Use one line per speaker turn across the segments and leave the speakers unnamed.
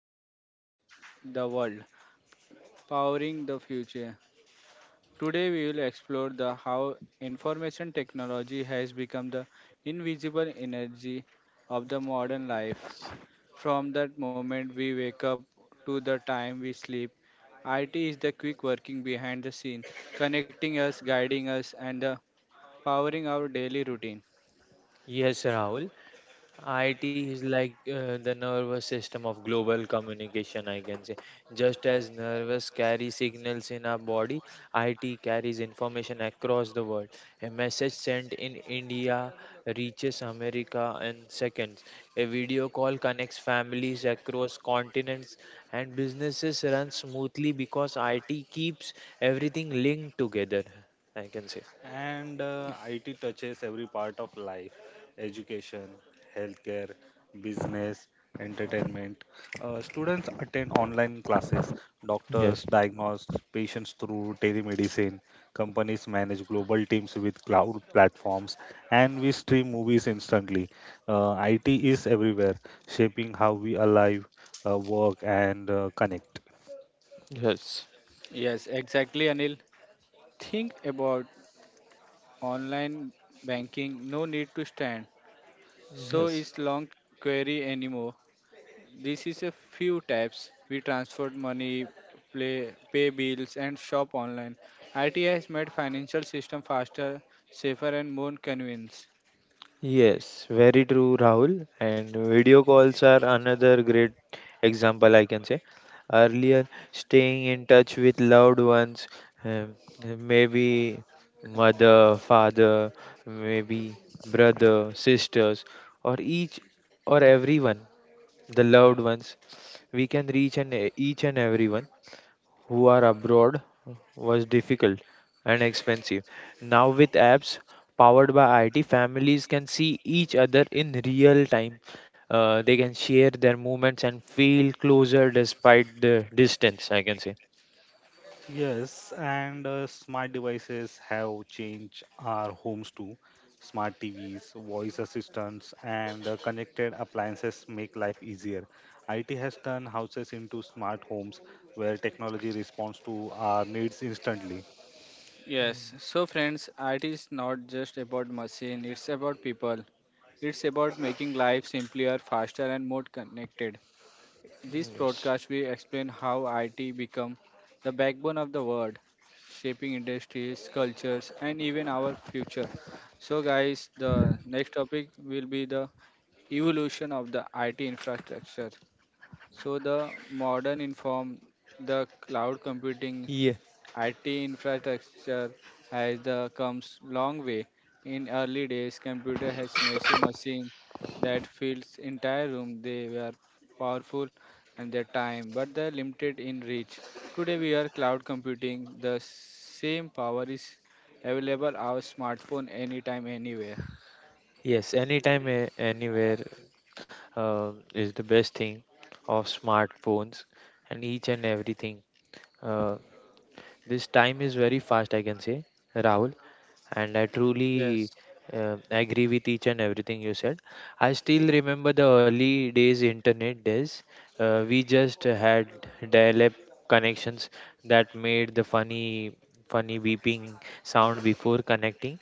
IT and the World Powering the Future. Today, we will explore the how information technology has become the invisible energy of the modern life. From that moment we wake up to the time we sleep, IT is the quick working behind the scene, connecting us, guiding us, and powering our daily routine.
Yes, Rahul. IT is like the nervous system of global communication, I can say. Just as nerves carry signals in our body, IT carries information across the world. A message sent in India reaches America in seconds. A video call connects families across continents, and businesses run smoothly because IT keeps everything linked together, I can say.
And IT touches every part of life: education, healthcare, business, entertainment. Students attend online classes, doctors
Yes,
diagnose patients through telemedicine, companies manage global teams with cloud platforms, and we stream movies instantly. IT is everywhere, shaping how we alive, work, and connect.
yes,
Yes, exactly, Anil. Think about online banking, no need to stand. So is
yes.
long query anymore. This is a few taps. We transfer money, play, pay bills, and shop online. IT has made financial system faster, safer, and more convenient.
Yes, very true, Rahul. And video calls are another great example, I can say. Earlier, staying in touch with loved ones, um, maybe mother, father, maybe brother, sisters, or each or everyone, the loved ones, we can reach and each and everyone who are abroad was difficult and expensive. Now, with apps powered by IT, families can see each other in real time. They can share their movements and feel closer despite the distance, I can say.
Yes, and smart devices have changed our homes too. Smart TVs, voice assistants, and connected appliances make life easier. IT has turned houses into smart homes where technology responds to our needs instantly.
Yes.
Mm,
So friends, IT is not just about machine. It's about people. It's about making life simpler, faster, and more connected. This
mm, yes.
podcast will explain how IT become the backbone of the world, shaping industries, cultures, and even our future. So, guys, the next topic will be the evolution of the IT infrastructure. So, the modern inform, the cloud computing,
Yeah.
IT infrastructure has the comes long way. In early days, computer has massive machine that fills entire room. They were powerful and their time, but they're limited in reach. Today we are cloud computing. The same power is available our smartphone anytime, anywhere.
Yes, anytime, anywhere is the best thing of smartphones and each and everything. Uh, This time is very fast, I can say, Rahul, and I truly
Yes,
agree with each and everything you said. I still remember the early days, internet days. We just had dial-up connections that made the funny, funny beeping sound before connecting.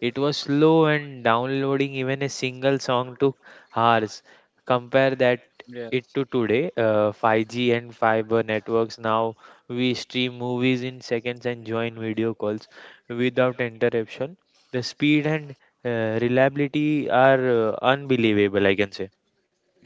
It was slow and downloading even a single song took hours. Compare that
yes,
it to today, 5G and fiber networks now we stream movies in seconds and join video calls without interruption. The speed and reliability are unbelievable, I can say.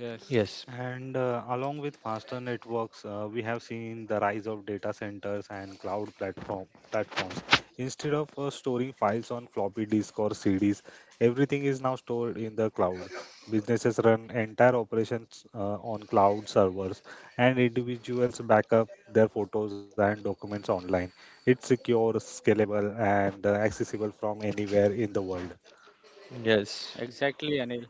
yes.
Yes,
And along with faster networks, we have seen the rise of data centers and cloud platforms. Instead of storing files on floppy disk or CDs, everything is now stored in the cloud. Businesses run entire operations on cloud servers, and individuals back up their photos and documents online. It's secure, scalable, and accessible from anywhere in the world.
yes.
Exactly, Anil.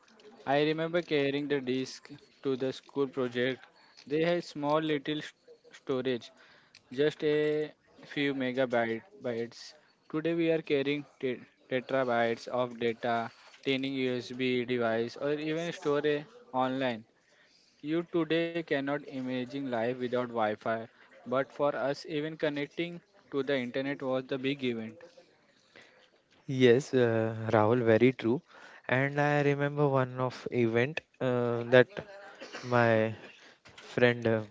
I remember carrying the disk to the school project. They had small little storage. Just a few megabytes. Today we are carrying terabytes of data, 10 USB device, or even store a online. You today cannot imagine life without Wi-Fi, but for us, even connecting to the internet was the big event.
Yes, Rahul, very true. And I remember one of event that my friend uh,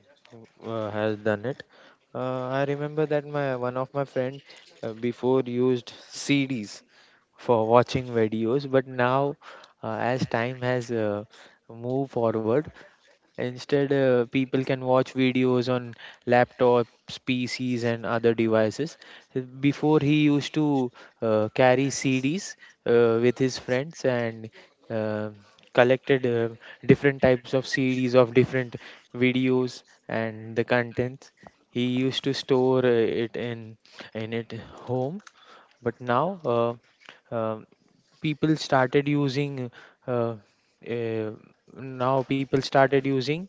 uh, has done it. I remember that my one of my friend before used CDs for watching videos, but now, as time has moved forward, instead, people can watch videos on laptops, pcs and other devices. Before, he used to carry cds with his friends, and uh, collected different types of cds of different videos, and the contents he used to store it in it home. But now, uh, um people started using, uh, uh, now people started using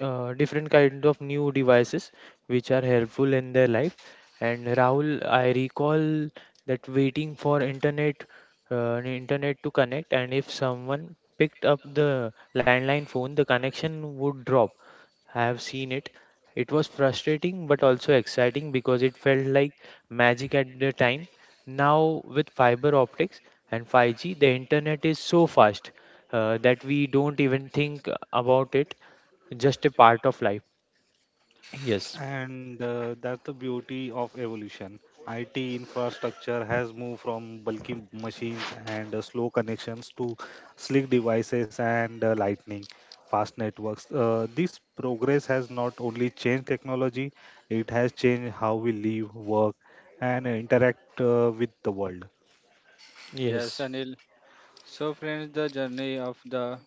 different kind of new devices which are helpful in their life. And Rahul, I recall that waiting for internet, internet to connect, and if someone picked up the landline phone, the connection would drop. I have seen it. It was frustrating but also exciting because it felt like magic at the time. Now, with fiber optics and 5G, the internet is so fast that we don't even think about it, just a part of life. Yes.
And that's the beauty of evolution. IT infrastructure has moved from bulky machines and slow connections to slick devices and lightning fast networks. This progress has not only changed technology, it has changed how we live, work, and interact with the world.
Yes,
Yes.
Anil. So, friends, the journey of the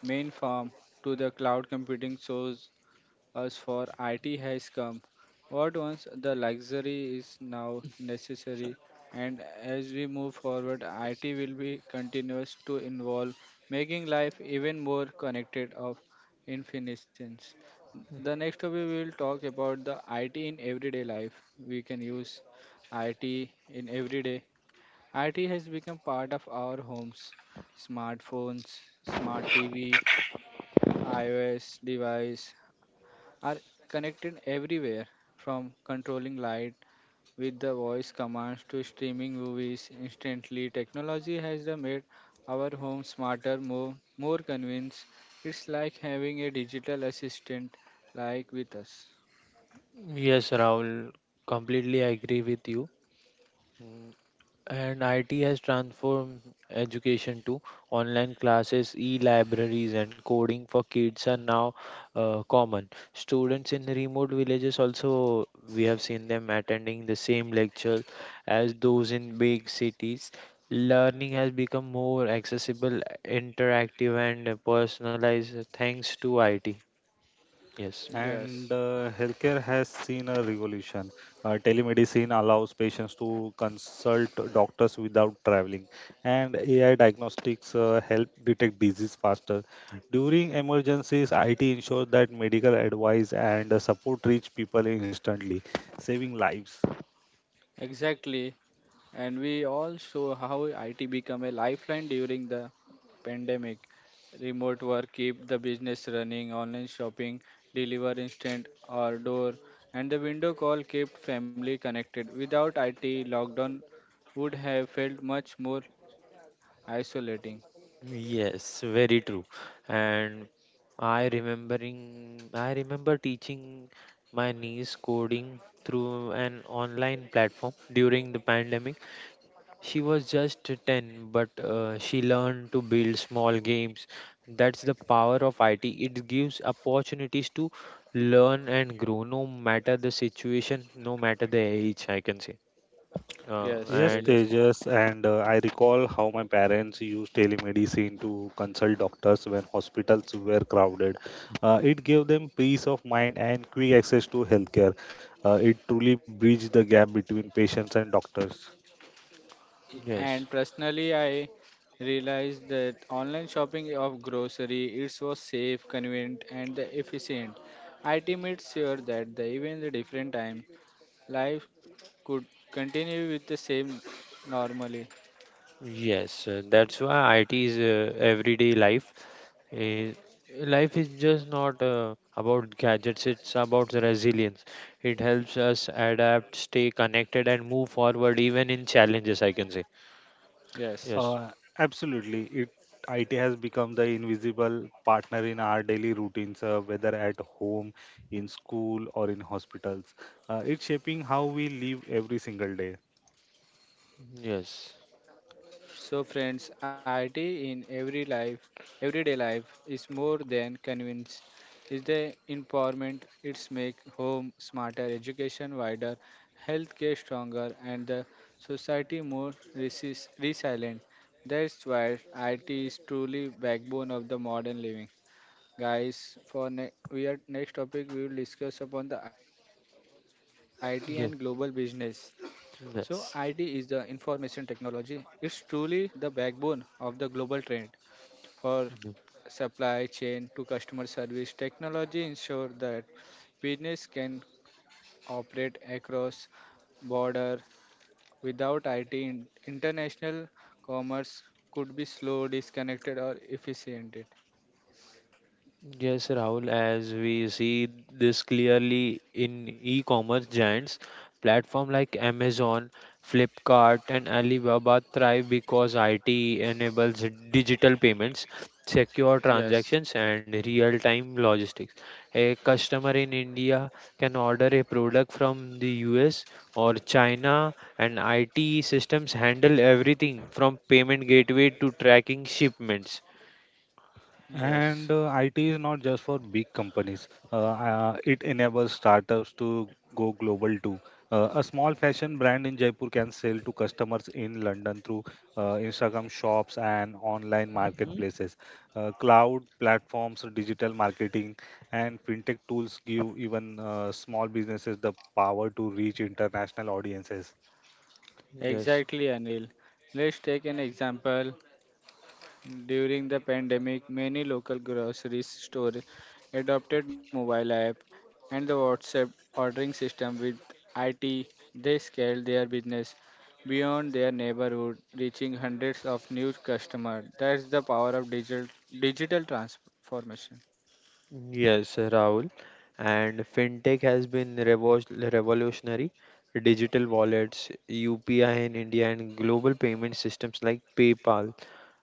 main farm to the cloud computing shows us for IT has come. What once the luxury is now necessary, and as we move forward, IT will be continuous to involve, making life even more connected of infinitions. The next topic we will talk about the IT in everyday life. We can use IT in everyday. IT has become part of our homes, smartphones, smart TV, iOS device, are connected everywhere, from controlling light with the voice commands to streaming movies instantly. Technology has the made our home smarter, more more convinced. It's like having a digital assistant like with us.
Yes, Rahul, completely agree with you. Mm. And IT has transformed education too. Online classes, e-libraries, and coding for kids are now common. Students in remote villages also, we have seen them attending the same lecture as those in big cities. Learning has become more accessible, interactive, and personalized thanks to IT. Yes.
Yes,
And healthcare has seen a revolution. Telemedicine allows patients to consult doctors without traveling, and AI diagnostics help detect disease faster. During emergencies, IT ensures that medical advice and support reach people instantly, saving lives.
exactly, and we all saw how IT became a lifeline during the pandemic. Remote work keep the business running, online shopping, deliver instant order, and the window call kept family connected. Without IT, lockdown would have felt much more isolating.
Yes, very true. And I remember teaching my niece coding through an online platform during the pandemic. She was just 10, but she learned to build small games. That's the power of IT. It gives opportunities to learn and grow, no matter the situation, no matter the age, I can say. Uh,
Yes,
Yes,
and
Tejas.
Tejas, and I recall how my parents used telemedicine to consult doctors when hospitals were crowded. It gave them peace of mind and quick access to healthcare. It truly bridged the gap between patients and doctors.
And
yes,
personally, I realized that online shopping of grocery it was safe, convenient, and the efficient. It made sure that the even the different time life could continue with the same normally.
yes, that's why IT is everyday life. Eh, life is just not about gadgets, it's about the resilience. It helps us adapt, stay connected, and move forward even in challenges, I can say.
Yes.
Yes,
Uh, Absolutely, IT has become the invisible partner in our daily routines, whether at home, in school, or in hospitals. It's shaping how we live every single day.
yes,
So, friends, IT in every life, everyday life, is more than convenience. It's the empowerment. It's make home smarter, education wider, healthcare stronger, and the society more resilient. That's why IT is truly backbone of the modern living. Guys, for we are next topic we will discuss upon the IT and global business.
yes,
So, ID is the
yes.
information technology. It's truly the backbone of the global trend for supply chain to customer service. Technology ensures that business can operate across border without IT. International commerce could be slow, disconnected, or efficient.
Yes, Rahul, as we see this clearly in e-commerce giants, platform like Amazon, Flipkart, and Alibaba thrive because IT enables digital payments, secure
Yes,
transactions, and real-time logistics. A customer in India can order a product from the US or China, and IT systems handle everything from payment gateway to tracking shipments.
yes.
And IT is not just for big companies. It enables startups to go global too. A small fashion brand in Jaipur can sell to customers in London through Instagram shops and online
Hmm?
marketplaces. Cloud platforms, digital marketing, and fintech tools give even small businesses the power to reach international audiences.
Yes.
Exactly, Anil. Let's take an example. During the pandemic, many local grocery stores adopted mobile app and the WhatsApp ordering system with IT. They scaled their business beyond their neighborhood, reaching hundreds of new customers. That's the power of digital transformation.
Yes, Rahul. And fintech has been revolutionary. Digital wallets, UPI in India, and global payment systems like PayPal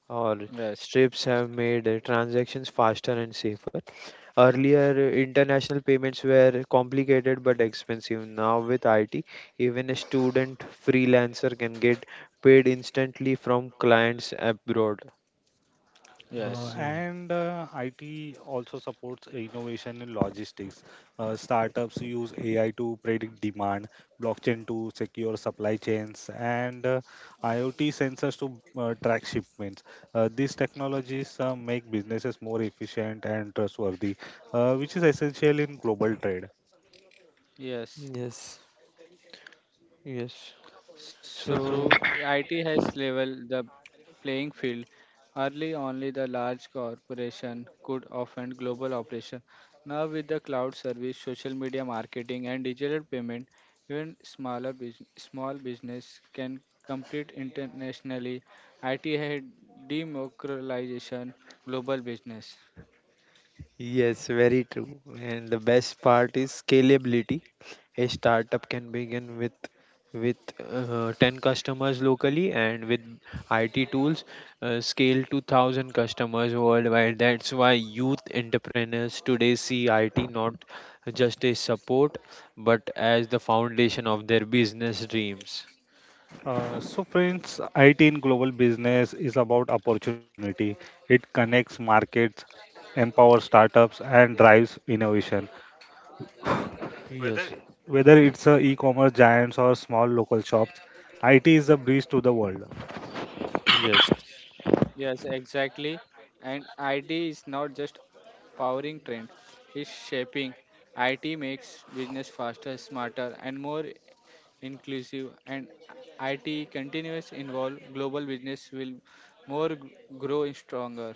or
Yes.
Strips have made transactions faster and safer. Earlier, international payments were complicated but expensive. Now, with IT, even a student freelancer can get paid instantly from clients abroad.
Yes.
Mhm.
And IT also supports innovation in logistics. Startups use AI to predict demand, blockchain to secure supply chains, and IoT sensors to track shipments. These technologies make businesses more efficient and trustworthy, which is essential in global trade.
Yes.
Yes, yes.
So
So.
true, IT has leveled the playing field. Early only the large corporation could offend global operation. Now with the cloud service, social media marketing and digital payment, even smaller business, small business can compete internationally. IT had democratization global business.
Yes, very true. And the best part is scalability. A startup can begin with 10 customers locally and with IT tools scale to 1,000 customers worldwide. That's why youth entrepreneurs today see IT not just as support but as the foundation of their business dreams.
So, friends, IT in global business is about opportunity. It connects markets, empowers startups, and drives innovation.
Yes.
Whether it's a e-commerce giants or small local shops, IT is a breeze to the world.
Yes.
Yes, exactly. And IT is not just powering trend, it's shaping. IT makes business faster, smarter, and more inclusive. And IT continuous involve global business will more grow stronger.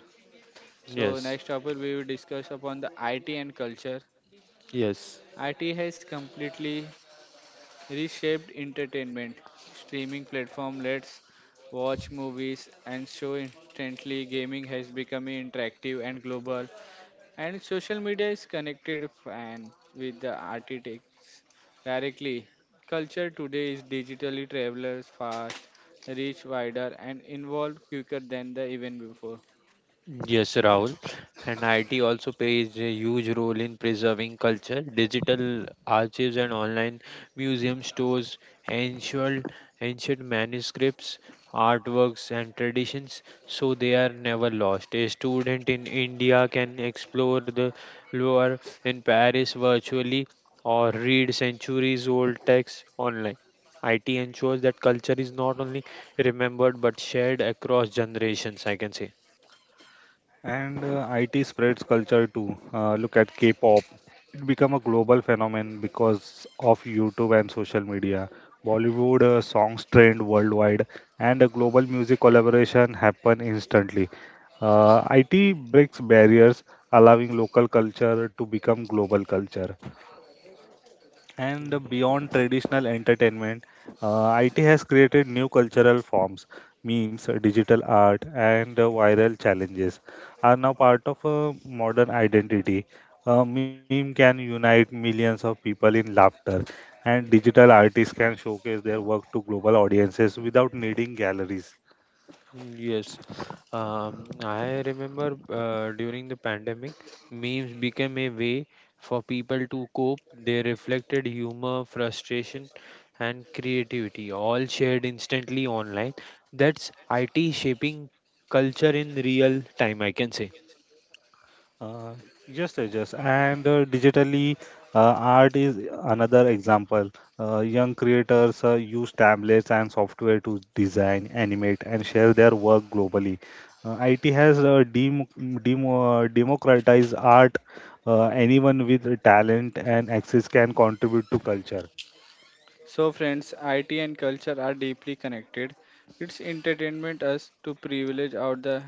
So
Yes.
next topic we will discuss upon the IT and culture.
Yes.
IT has completely reshaped entertainment. Streaming platform lets watch movies and show instantly. Gaming has become interactive and global, and social media is connected and with the architects directly. Culture today is digitally travelers fast, reach wider, and involved quicker than the even before.
Yes, Rahul. And IT also plays a huge role in preserving culture. Digital archives and online museum stores ancient, ancient manuscripts, artworks, and traditions so they are never lost. A student in India can explore the Louvre in Paris virtually or read centuries old texts online. IT ensures that culture is not only remembered but shared across generations, I can say.
And IT spreads culture too. Look at K-pop. It became a global phenomenon because of YouTube and social media. Bollywood songs trend worldwide and a global music collaboration happen instantly. IT breaks barriers, allowing local culture to become global culture. And beyond traditional entertainment, IT has created new cultural forms. Memes, digital art, and viral challenges are now part of modern identity. A meme can unite millions of people in laughter, and digital artists can showcase their work to global audiences without needing galleries.
Mm, yes, I remember during the pandemic, memes became a way for people to cope. They reflected humor, frustration, and creativity, all shared instantly online. That's IT shaping culture in real time, I can say.
Uh, yes, Tejas, and digitally, art is another example. Young creators use tablets and software to design, animate, and share their work globally. IT has democratized art. Anyone with talent and access can contribute to culture.
So, friends, IT and culture are deeply connected. It's entertainment us to privilege out the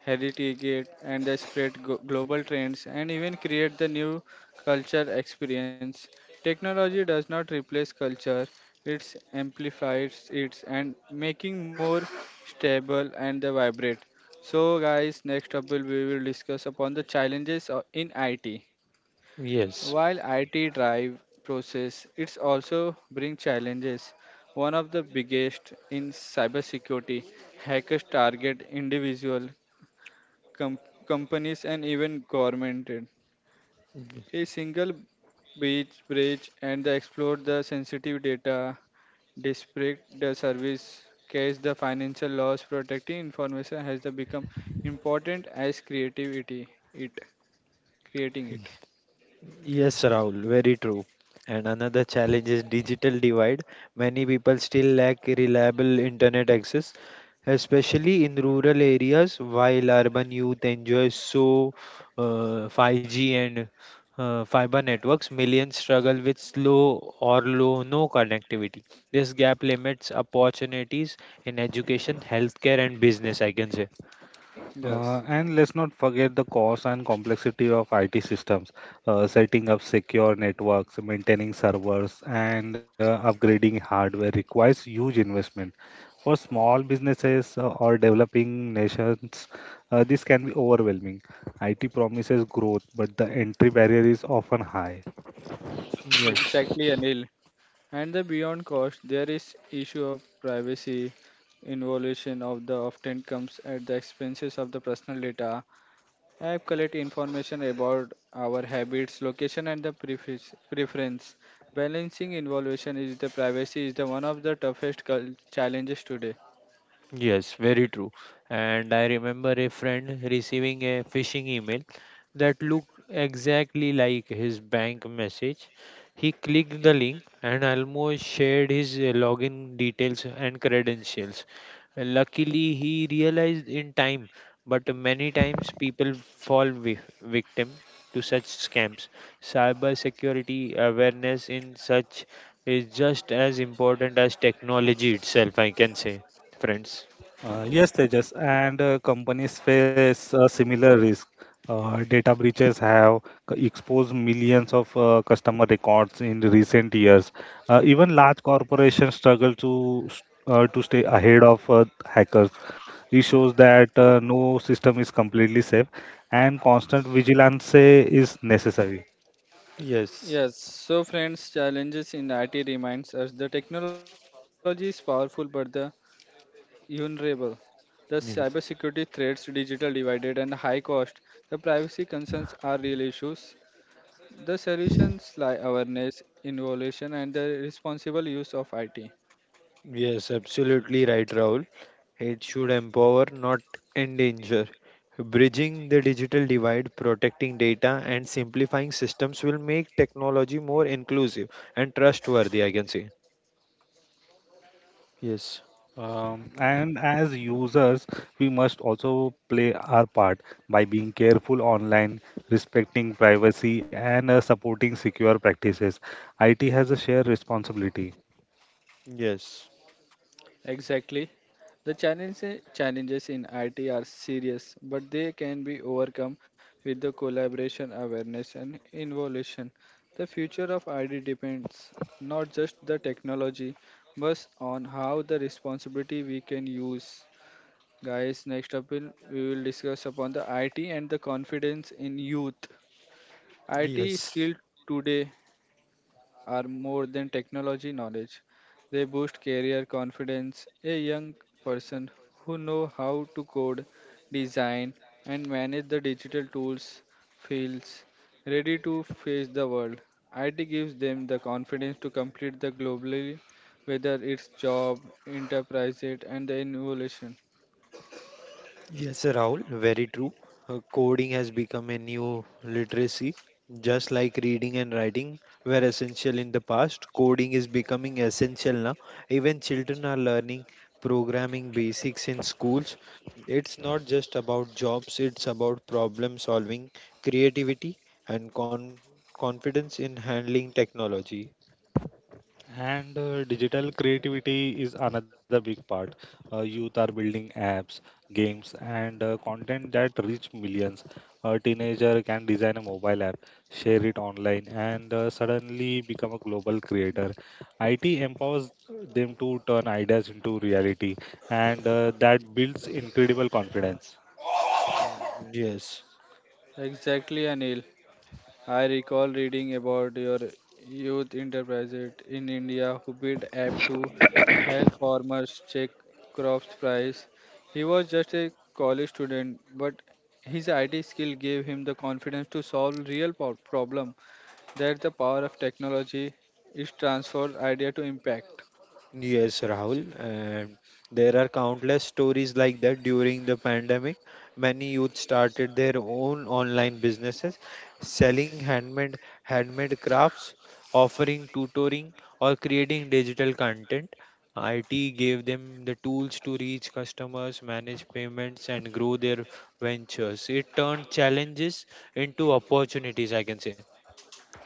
heritage and the spread global trends and even create the new culture experience. Technology does not replace culture; it amplifies it and making more stable and the vibrant. So, guys, next up will we will discuss upon the challenges in IT.
Yes.
While IT drive process, it's also bring challenges. One of the biggest in cybersecurity, hackers target individual com- companies and even government. A single breach and they exploit the sensitive data, disrupt the service, case the financial loss. Protecting information has the become important as creativity. It creating it.
Yes, Rahul, very true. And another challenge is digital divide. Many people still lack reliable internet access, especially in rural areas, while urban youth enjoy so 5G and fiber networks, millions struggle with slow or low no connectivity. This gap limits opportunities in education, healthcare, and business, I can say.
Yes.
And let's not forget the cost and complexity of IT systems. Setting up secure networks, maintaining servers, and upgrading hardware requires huge investment. For small businesses or developing nations, this can be overwhelming. IT promises growth, but the entry barrier is often high.
Yes.
Exactly, Anil. And the beyond cost, there is issue of privacy involution of the often comes at the expenses of the personal data. App collect information about our habits, location, and the preference. Balancing involution is the privacy is the one of the toughest challenges today.
Yes, very true. And I remember a friend receiving a phishing email that looked exactly like his bank message. He clicked the link and almost shared his login details and credentials. Luckily, he realized in time, but many times people fall victim to such scams. Cyber security awareness in such is just as important as technology itself, I can say, friends.
Yes, Tejas, and companies face a similar risk. Data breaches have exposed millions of customer records in recent years. Even large corporations struggle to stay ahead of hackers. It shows that no system is completely safe, and constant vigilance is necessary.
Yes,
Yes, so friends, challenges in IT reminds us the technology is powerful, but the vulnerable. The cybersecurity
yes,
threats, digital divided, and high cost, the privacy concerns are real issues. The solutions lie awareness, innovation, and the responsible use of IT.
yes, absolutely right, Rahul. It should empower, not endanger. Bridging the digital divide, protecting data, and simplifying systems will make technology more inclusive and trustworthy, I can say. Yes.
And as users, we must also play our part by being careful online, respecting privacy, and supporting secure practices. IT has a shared responsibility.
Yes,
Exactly. The challenges in IT are serious, but they can be overcome with the collaboration, awareness, and innovation. The future of IT depends not just the technology, but on how the responsibility we can use. Guys, next up will we will discuss upon the IT and the confidence in youth. IT
yes.
skills today are more than technology knowledge. They boost career confidence. A young person who know how to code, design and manage the digital tools feels ready to face the world. IT gives them the confidence to complete the globally whether it's job, enterprise it and the innovation.
Yes, Rahul, very true. Coding has become a new literacy, just like reading and writing were essential in the past. Coding is becoming essential now. Even children are learning programming basics in schools. It's not just about jobs, it's about problem solving, creativity, and confidence in handling technology.
And digital creativity is another big part. Youth are building apps, games, and content that reach millions. A teenager can design a mobile app, share it online, and suddenly become a global creator. IT empowers them to turn ideas into reality, and that builds incredible confidence.
Mm. Yes.
Exactly, Anil. I recall reading about your youth enterprises in India who built app to help farmers check crops price. He was just a college student, but his IT skill gave him the confidence to solve real problem. That's the power of technology. It transfers idea to impact.
Yes, Rahul, and there are countless stories like that during the pandemic. Many youth started their own online businesses, selling handmade crafts, offering tutoring, or creating digital content. IT gave them the tools to reach customers, manage payments, and grow their ventures. It turned challenges into opportunities, I can say.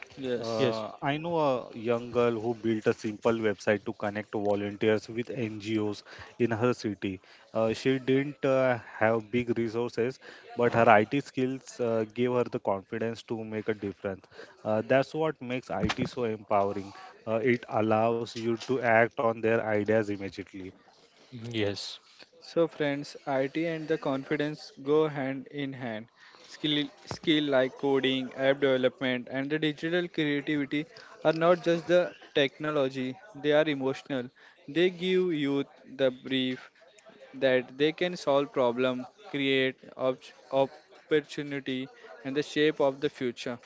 Yes.
Yes.
I know a young girl who built a simple website to connect volunteers with NGOs in her city. She didn't have big resources, but her IT skills gave her the confidence to make a difference. That's what makes IT so empowering. It allows you to act on their ideas immediately.
Yes.
So, friends, IT and the confidence go hand in hand. Skill like coding, app development, and the digital creativity are not just the technology, they are emotional. They give youth the brief that they can solve problem, create opportunity, and the shape of the future.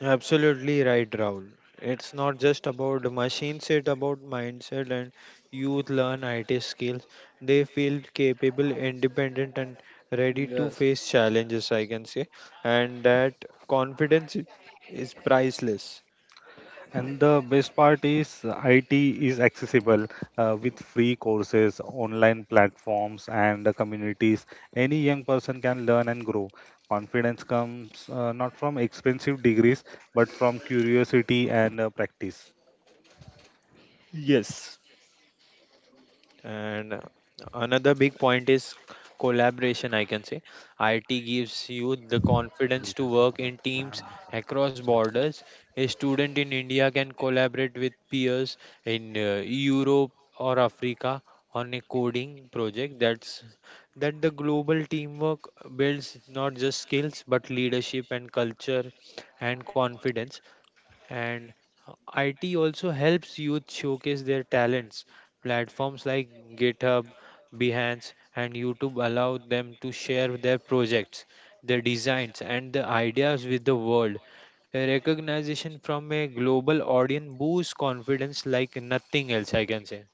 Absolutely right, Rahul. It's not just about machines, it's about mindset and youth learn IT skills. They feel capable, independent, and ready to
Yes,
face challenges, I can say. And that confidence is priceless.
And the best part is IT is accessible with free courses, online platforms, and the communities. Any young person can learn and grow. Confidence comes not from expensive degrees, but from curiosity and practice.
Yes, and another big point is collaboration, I can say. IT gives you the confidence to work in teams across borders.
Yes.
A student in India can collaborate with peers in Europe or Africa on a coding project. That the global teamwork builds not just skills but leadership and culture and confidence, and IT also helps youth showcase their talents. Platforms like GitHub, Behance, and YouTube allow them to share their projects, their designs, and their ideas with the world. A recognition from a global audience boosts confidence like nothing else, I can say.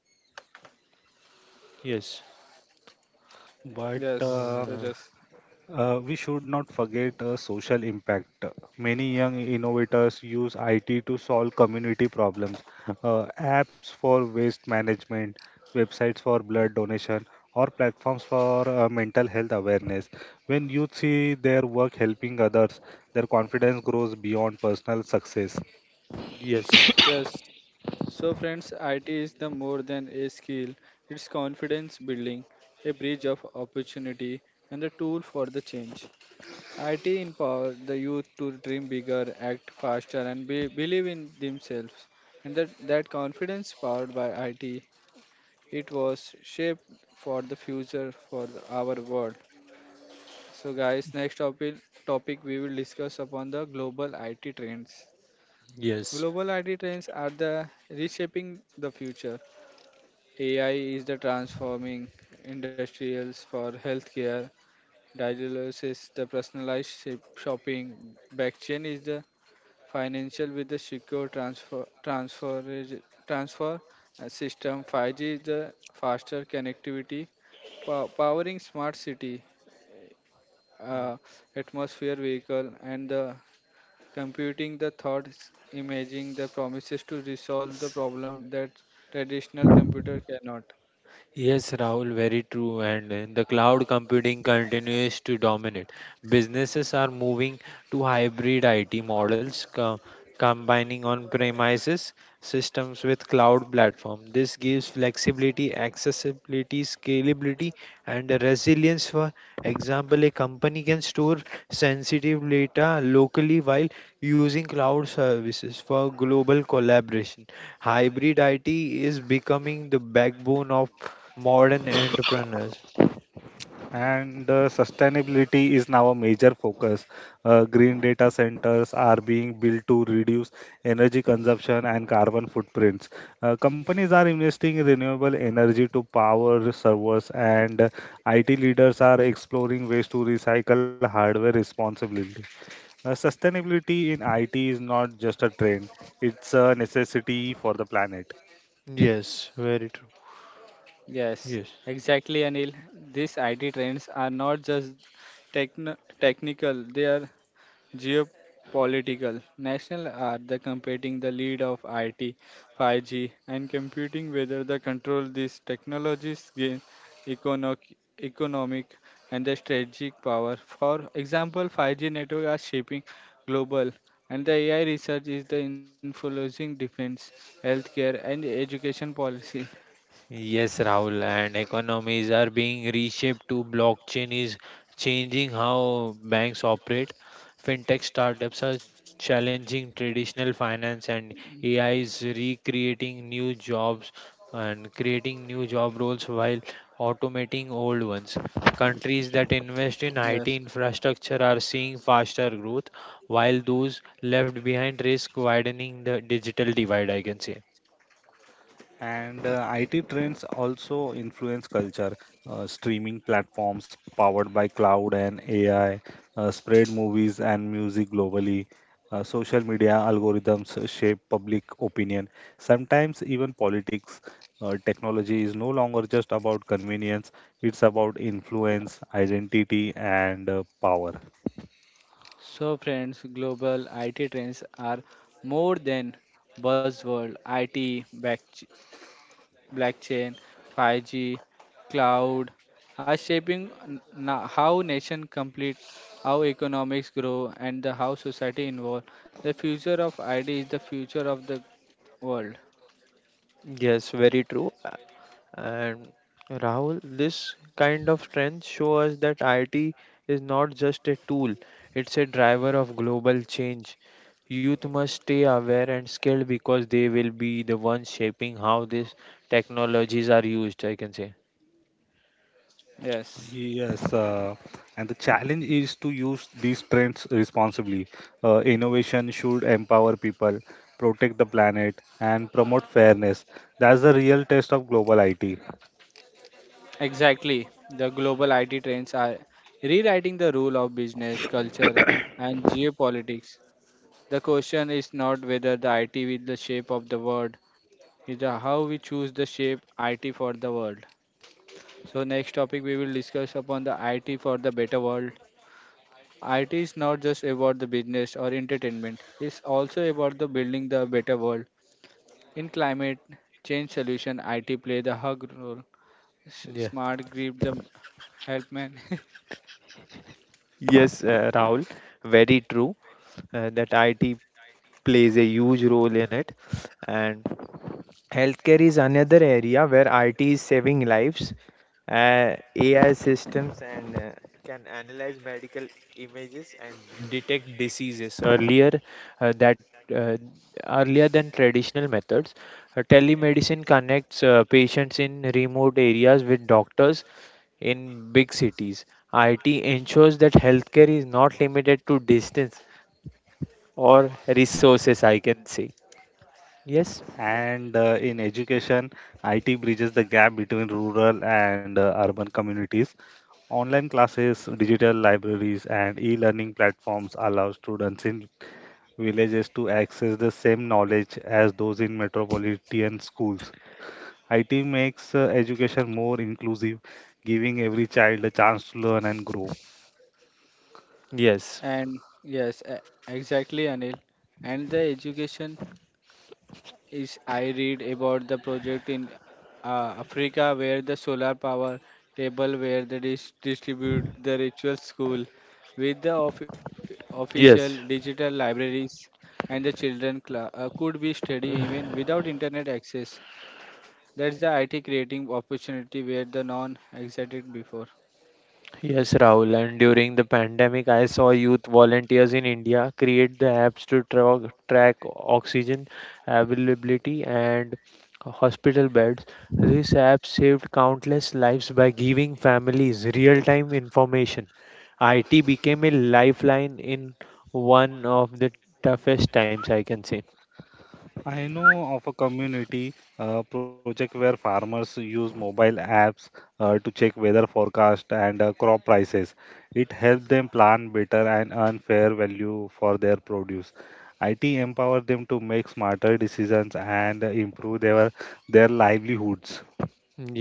Yes.
But
Yes,
Uh,
Tejas.
We should not forget social impact. Many young innovators use IT to solve community problems: apps for waste management, websites for blood donation, or platforms for mental health awareness. When youth see their work helping others, their confidence grows beyond personal success.
yes.
Yes. So, friends, IT is the more than a skill, it's confidence building, a bridge of opportunity, and a tool for the change. IT empower the youth to dream bigger, act faster, and be, believe in themselves. And that confidence powered by IT, it was shaped for the future for the, our world. So, guys, next topic we will discuss upon the global IT trends.
Yes.
Global IT trends are the reshaping the future. AI is the transforming industrials for healthcare. Dialysis is the personalized shopping. Blockchain is the financial with the secure transfer system. 5G is the faster connectivity, powering smart city, uh, atmosphere vehicle, and the computing the thoughts, imaging the promises to resolve the problem that traditional computer cannot.
Yes, Rahul, very true. And the cloud computing continues to dominate. Businesses are moving to hybrid IT models, combining on-premises systems with cloud platform. This gives flexibility, accessibility, scalability, and resilience. For example, a company can store sensitive data locally while using cloud services for global collaboration. Hybrid IT is becoming the backbone of modern entrepreneurs.
And sustainability is now a major focus. Green data centers are being built to reduce energy consumption and carbon footprints. Companies are investing in renewable energy to power servers, and IT leaders are exploring ways to recycle hardware responsibly. Sustainability in IT is not just a trend, it's a necessity for the planet.
Yes, very true.
Yes,
Yes.
exactly, Anil. These IT trends are not just techn technical, they are geopolitical. National are the competing the lead of IT, 5G, and computing whether the control these technologies gain economic, economic and the strategic power. For example, 5G network are shaping global and the AI research is the influencing defense, healthcare and education policy.
Yes, Rahul, and economies are being reshaped to blockchain is changing how banks operate. Fintech startups are challenging traditional finance and AI is recreating new jobs and creating new job roles while automating old ones. Countries that invest in
Yes.
IT infrastructure are seeing faster growth, while those left behind risk widening the digital divide, I can say.
And IT trends also influence culture. Streaming platforms powered by cloud and AI spread movies and music globally. Social media algorithms shape public opinion, sometimes even politics. Technology is no longer just about convenience, it's about influence, identity, and power.
So, friends, global IT trends are more than buzzword. IT, blockchain, 5G, cloud are shaping how nation complete, how economics grow, and the how society involve. The future of IT is the future of the world.
Yes, very true. And Rahul, this kind of trends show us that IT is not just a tool, it's a driver of global change. Youth must stay aware and skilled because they will be the ones shaping how these technologies are used, I can say.
Yes,
Yes, and the challenge is to use these trends responsibly. Innovation should empower people, protect the planet, and promote fairness. That's the real test of global IT.
exactly. The global IT trends are rewriting the rule of business, culture, and geopolitics. The question is not whether the IT is the shape of the world, it's the how we choose the shape IT for the world. So next topic we will discuss upon the IT for the better world. IT is not just about the business or entertainment. It's also about the building the better world. In climate change solution, IT play the hug role.
Yeah.
Smart grip the help man
Yes, Rahul, very true that IT plays a huge role in it. And healthcare is another area where IT is saving lives. AI systems and can analyze medical images and detect diseases uh, that uh, earlier than traditional methods. Telemedicine connects patients in remote areas with doctors in big cities. IT ensures that healthcare is not limited to distance or resources, I can say. Yes,
And in education, IT bridges the gap between rural and urban communities. Online classes, digital libraries, and e-learning platforms allow students in villages to access the same knowledge as those in metropolitan schools. IT makes education more inclusive, giving every child a chance to learn and grow.
yes.
and yes, exactly, Anil, and the education is I read about the project in Africa where the solar power table where they distribute the ritual school with the official
Yes.
digital libraries, and the children cla could be study even without internet access. That's the IT creating opportunity where the non existed before.
Yes, Rahul. And during the pandemic, I saw youth volunteers in India create the apps to track oxygen availability and hospital beds. This app saved countless lives by giving families real time information. IT became a lifeline in one of the toughest times, I can say.
I know of a community project where farmers use mobile apps to check weather forecast and crop prices. It helps them plan better and earn fair value for their produce. IT empower them to make smarter decisions and improve their livelihoods.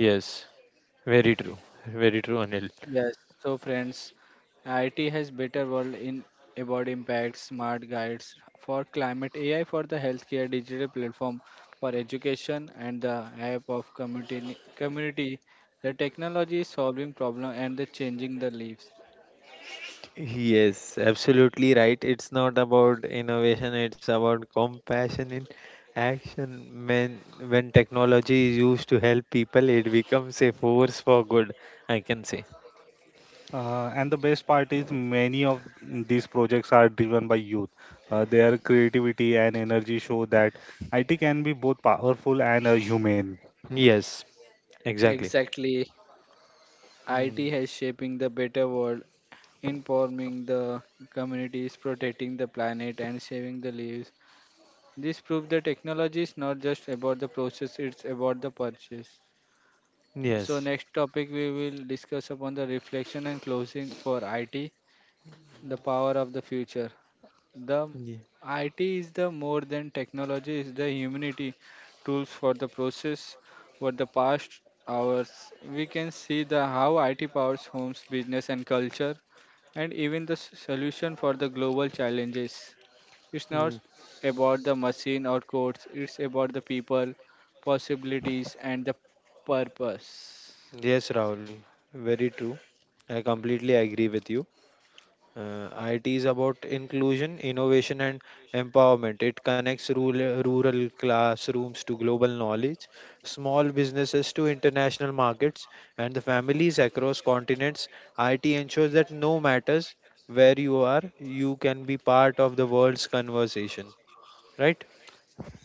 Yes, very true. Very true, Anil.
Yes, so friends, IT has better world in about impact, smart guides for climate, AI for the healthcare, digital platform for education, and the app of community. Community, the technology is solving problem and the changing the lives.
Yes, absolutely right. It's not about innovation, it's about compassion in action. When technology is used to help people, it becomes a force for good, I can say.
And the best part is many of these projects are driven by youth. Their creativity and energy show that IT can be both powerful and humane.
Yes, exactly.
Exactly,
Mm,
IT has shaping the better world, informing the communities, protecting the planet, and saving the lives. This proves the technology is not just about the process; it's about the purchase. So
yes.
next topic we will discuss upon the reflection and closing for IT, the power of the future. The
ye-
IT is the more than technology is the humanity tools for the process for the past hours we can see the how IT powers homes business and culture and even the solution for the global challenges. It's
mm,
not about the machine or codes, it's about the people, possibilities and the purpose.
Yes, Rahul, very true. I completely agree with you. IT is about inclusion, innovation, and empowerment. It connects rural classrooms to global knowledge, small businesses to international markets, and the families across continents. IT ensures that no matters where you are, you can be part of the world's conversation. Right?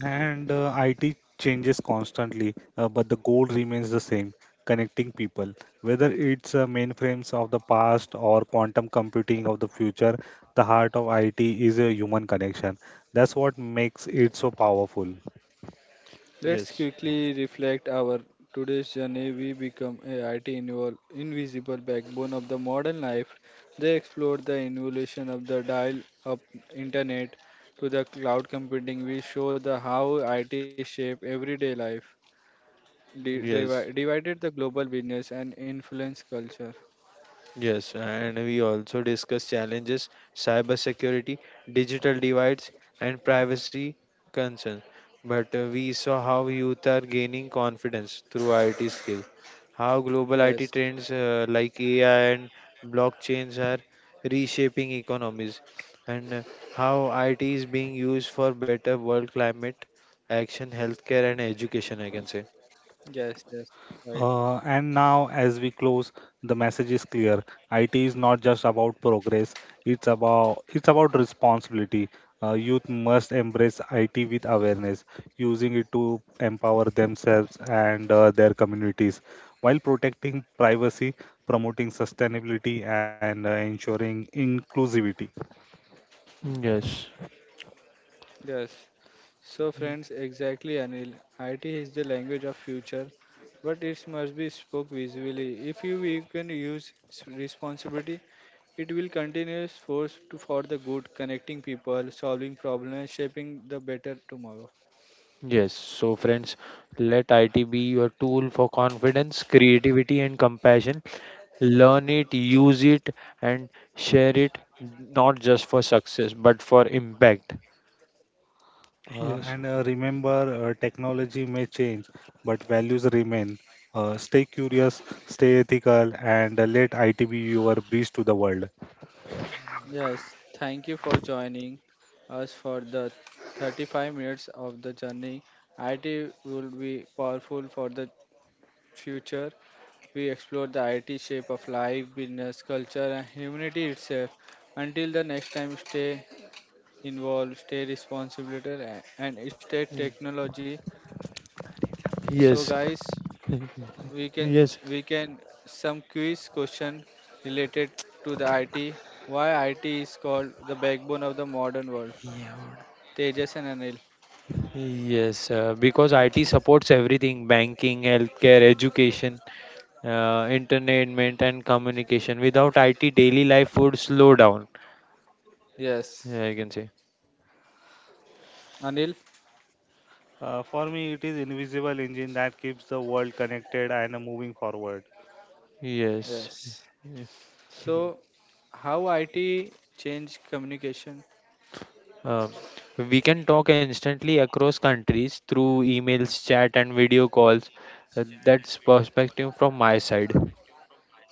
And IT changes constantly, but the goal remains the same, connecting people. Whether it's mainframes of the past or quantum computing of the future, the heart of IT is a human connection. That's what makes it so powerful.
Let's
Yes.
quickly reflect our today's journey. We become a IT invisible backbone of the modern life. They explored the evolution of the dial-up internet to the cloud computing. We show the how IT shape everyday life,
Yes.
divided the global business and influence culture.
Yes, and we also discuss challenges, cybersecurity, digital divides, and privacy concerns. But we saw how youth are gaining confidence through IT skill, how global IT
Yes,
trends like AI and blockchains are reshaping economies, and how IT is being used for better world climate action, healthcare, and education. I can say.
yes, yes. Right.
And now, as we close, the message is clear. IT is not just about progress; it's about responsibility. Youth must embrace IT with awareness, using it to empower themselves and their communities, while protecting privacy, promoting sustainability, and ensuring inclusivity.
Yes.
Yes. So, friends, exactly, Anil. IT is the language of future, but it must be spoke visibly. If you can use responsibility, it will continuous force to for the good, connecting people, solving problems, shaping the better tomorrow.
Yes, so friends, let IT be your tool for confidence, creativity, and compassion. Learn it, use it, and share it not just for success but for impact. Yes.
And Remember, technology may change, but values remain. Stay curious, stay ethical, and let IT be your bridge to the world.
Yes, thank you for joining us for the 35 minutes of the journey. IT will be powerful for the future. We explore the IT shape of life, business, culture, and humanity itself. Until the next time, stay involved, stay responsible, and stay
Mm.
technology. So,
Yes.
guys, we can
Yes.
we can some quiz question related to the IT. Why IT is called the backbone of the modern world?
Yeah.
Tejas and Anil.
Yes, because IT supports everything, banking, healthcare, education, entertainment, and communication. Without IT, daily life would slow down.
Yes,
Yeah, I can say.
Anil.
For me, it is invisible engine that keeps the world connected and moving forward.
Yes.
Yes. So, how IT change communication?
Um, we can talk instantly across countries through emails, chat, and video calls. That's perspective from my side.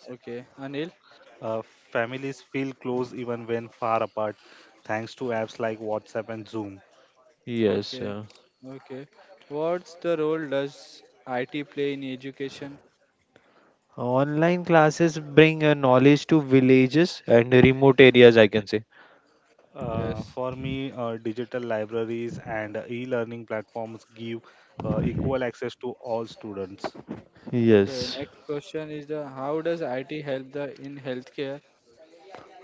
Okay, Anil.
Uh, Families feel close even when far apart, thanks to apps like WhatsApp and Zoom.
Yes.
Okay,
Uh,
okay. What's the role does IT play in education?
online classes bring knowledge to villages and remote areas, I can say.
Uh,
Yes.
for me, uh, digital libraries and e-learning platforms give equal access to all students.
Okay,
Yes.
next question is the how does IT help the in healthcare?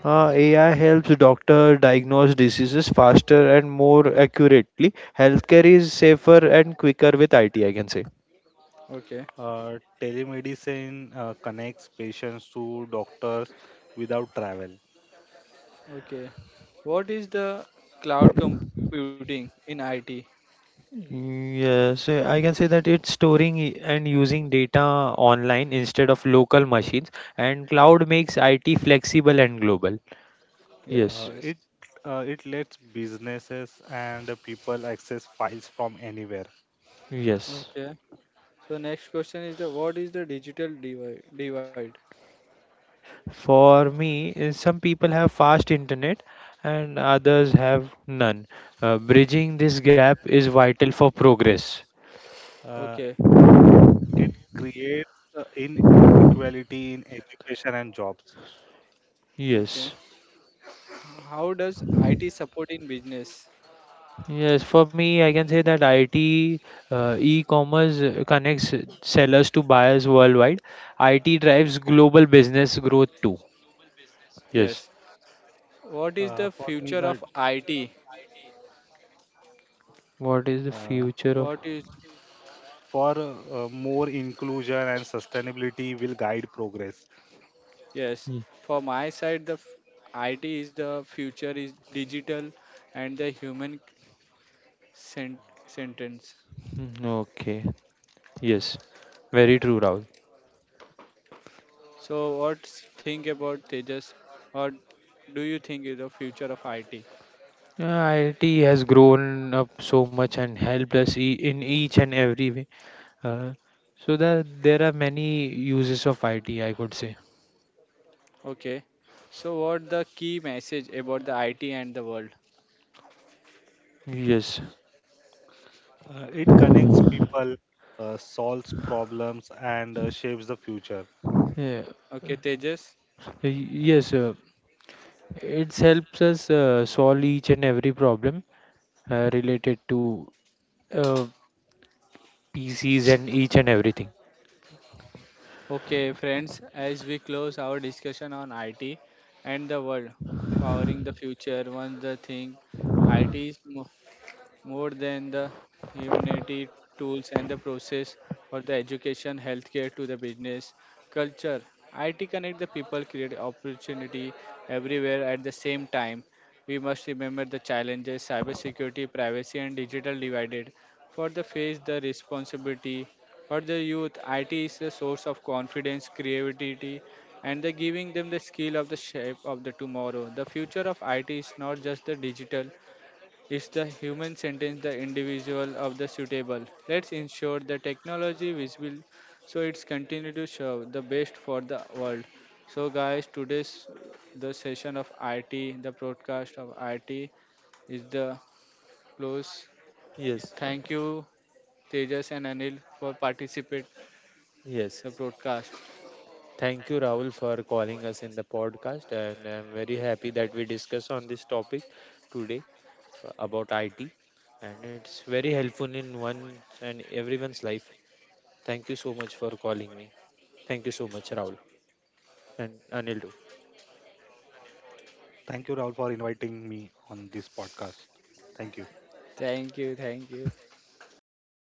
AI helps doctor diagnose diseases faster and more accurately. Healthcare is safer and quicker with IT, I can say.
Okay,
Telemedicine connects patients to doctors without travel.
okay. What is the cloud computing in IT?
Yes, I can say that it's storing and using data online instead of local machines, and cloud makes IT flexible and global.
Yes,
Yes,
Uh,
yes.
it it lets businesses and the people access files from anywhere.
yes.
Okay. So next question is the what is the digital divide?
For me, some people have fast internet and others have none. Bridging this gap is vital for progress.
Uh,
Okay,
Creates inequality in education and jobs.
okay.
Yes.
How does IT support in business?
Yes, for me, I can say that IT, e-commerce connects sellers to buyers worldwide. IT drives global business growth too. Yes.
Yes.
For
What
me,
is the future of IT?
What is
uh,
the future of?
What is?
for more inclusion and sustainability will guide progress.
Yes,
Hmm.
for my side, the IT is the future is digital and the sent- sentence.
Mm. Okay. Yes. Very true, Rahul.
So, what think about Tejas? What do you think is the future of IT?
Yeah, IT has grown up so much and helped us e in each and every way. Uh, so that there are many uses of IT, I could say.
Okay. So, what the key message about the IT and the world?
Yes.
It connects people, solves problems, and shapes the future.
Yeah.
Okay, Tejas.
Yes, it helps us solve each and every problem related to uh, PCs and each and everything.
Okay, friends, as we close our discussion on IT and the world powering the future, one the thing IT is more than the humanity tools and the process or the education, healthcare to the business, culture. IT connect the people, create opportunity everywhere at the same time. We must remember the challenges cybersecurity, privacy, and digital divided. For the face the responsibility for the youth, IT is a source of confidence, creativity, and the giving them the skill of the shape of the tomorrow. The future of IT is not just the digital, it's the human sentence, the individual of the suitable. Let's ensure the technology visible so it's continue to serve the best for the world. So guys, today's the session of IT, the broadcast of IT is the close.
Yes.
Thank you Tejas and Anil for participate
Yes.
the broadcast.
Thank you, Rahul, for calling us in the podcast, and I'm very happy that we discuss on this topic today about IT, and it's very helpful in one and everyone's life. Thank you so much for calling me. Thank you so much, Rahul, and Anil too.
Thank you, Rahul, for inviting me on this podcast. Thank you.
Thank you, thank you.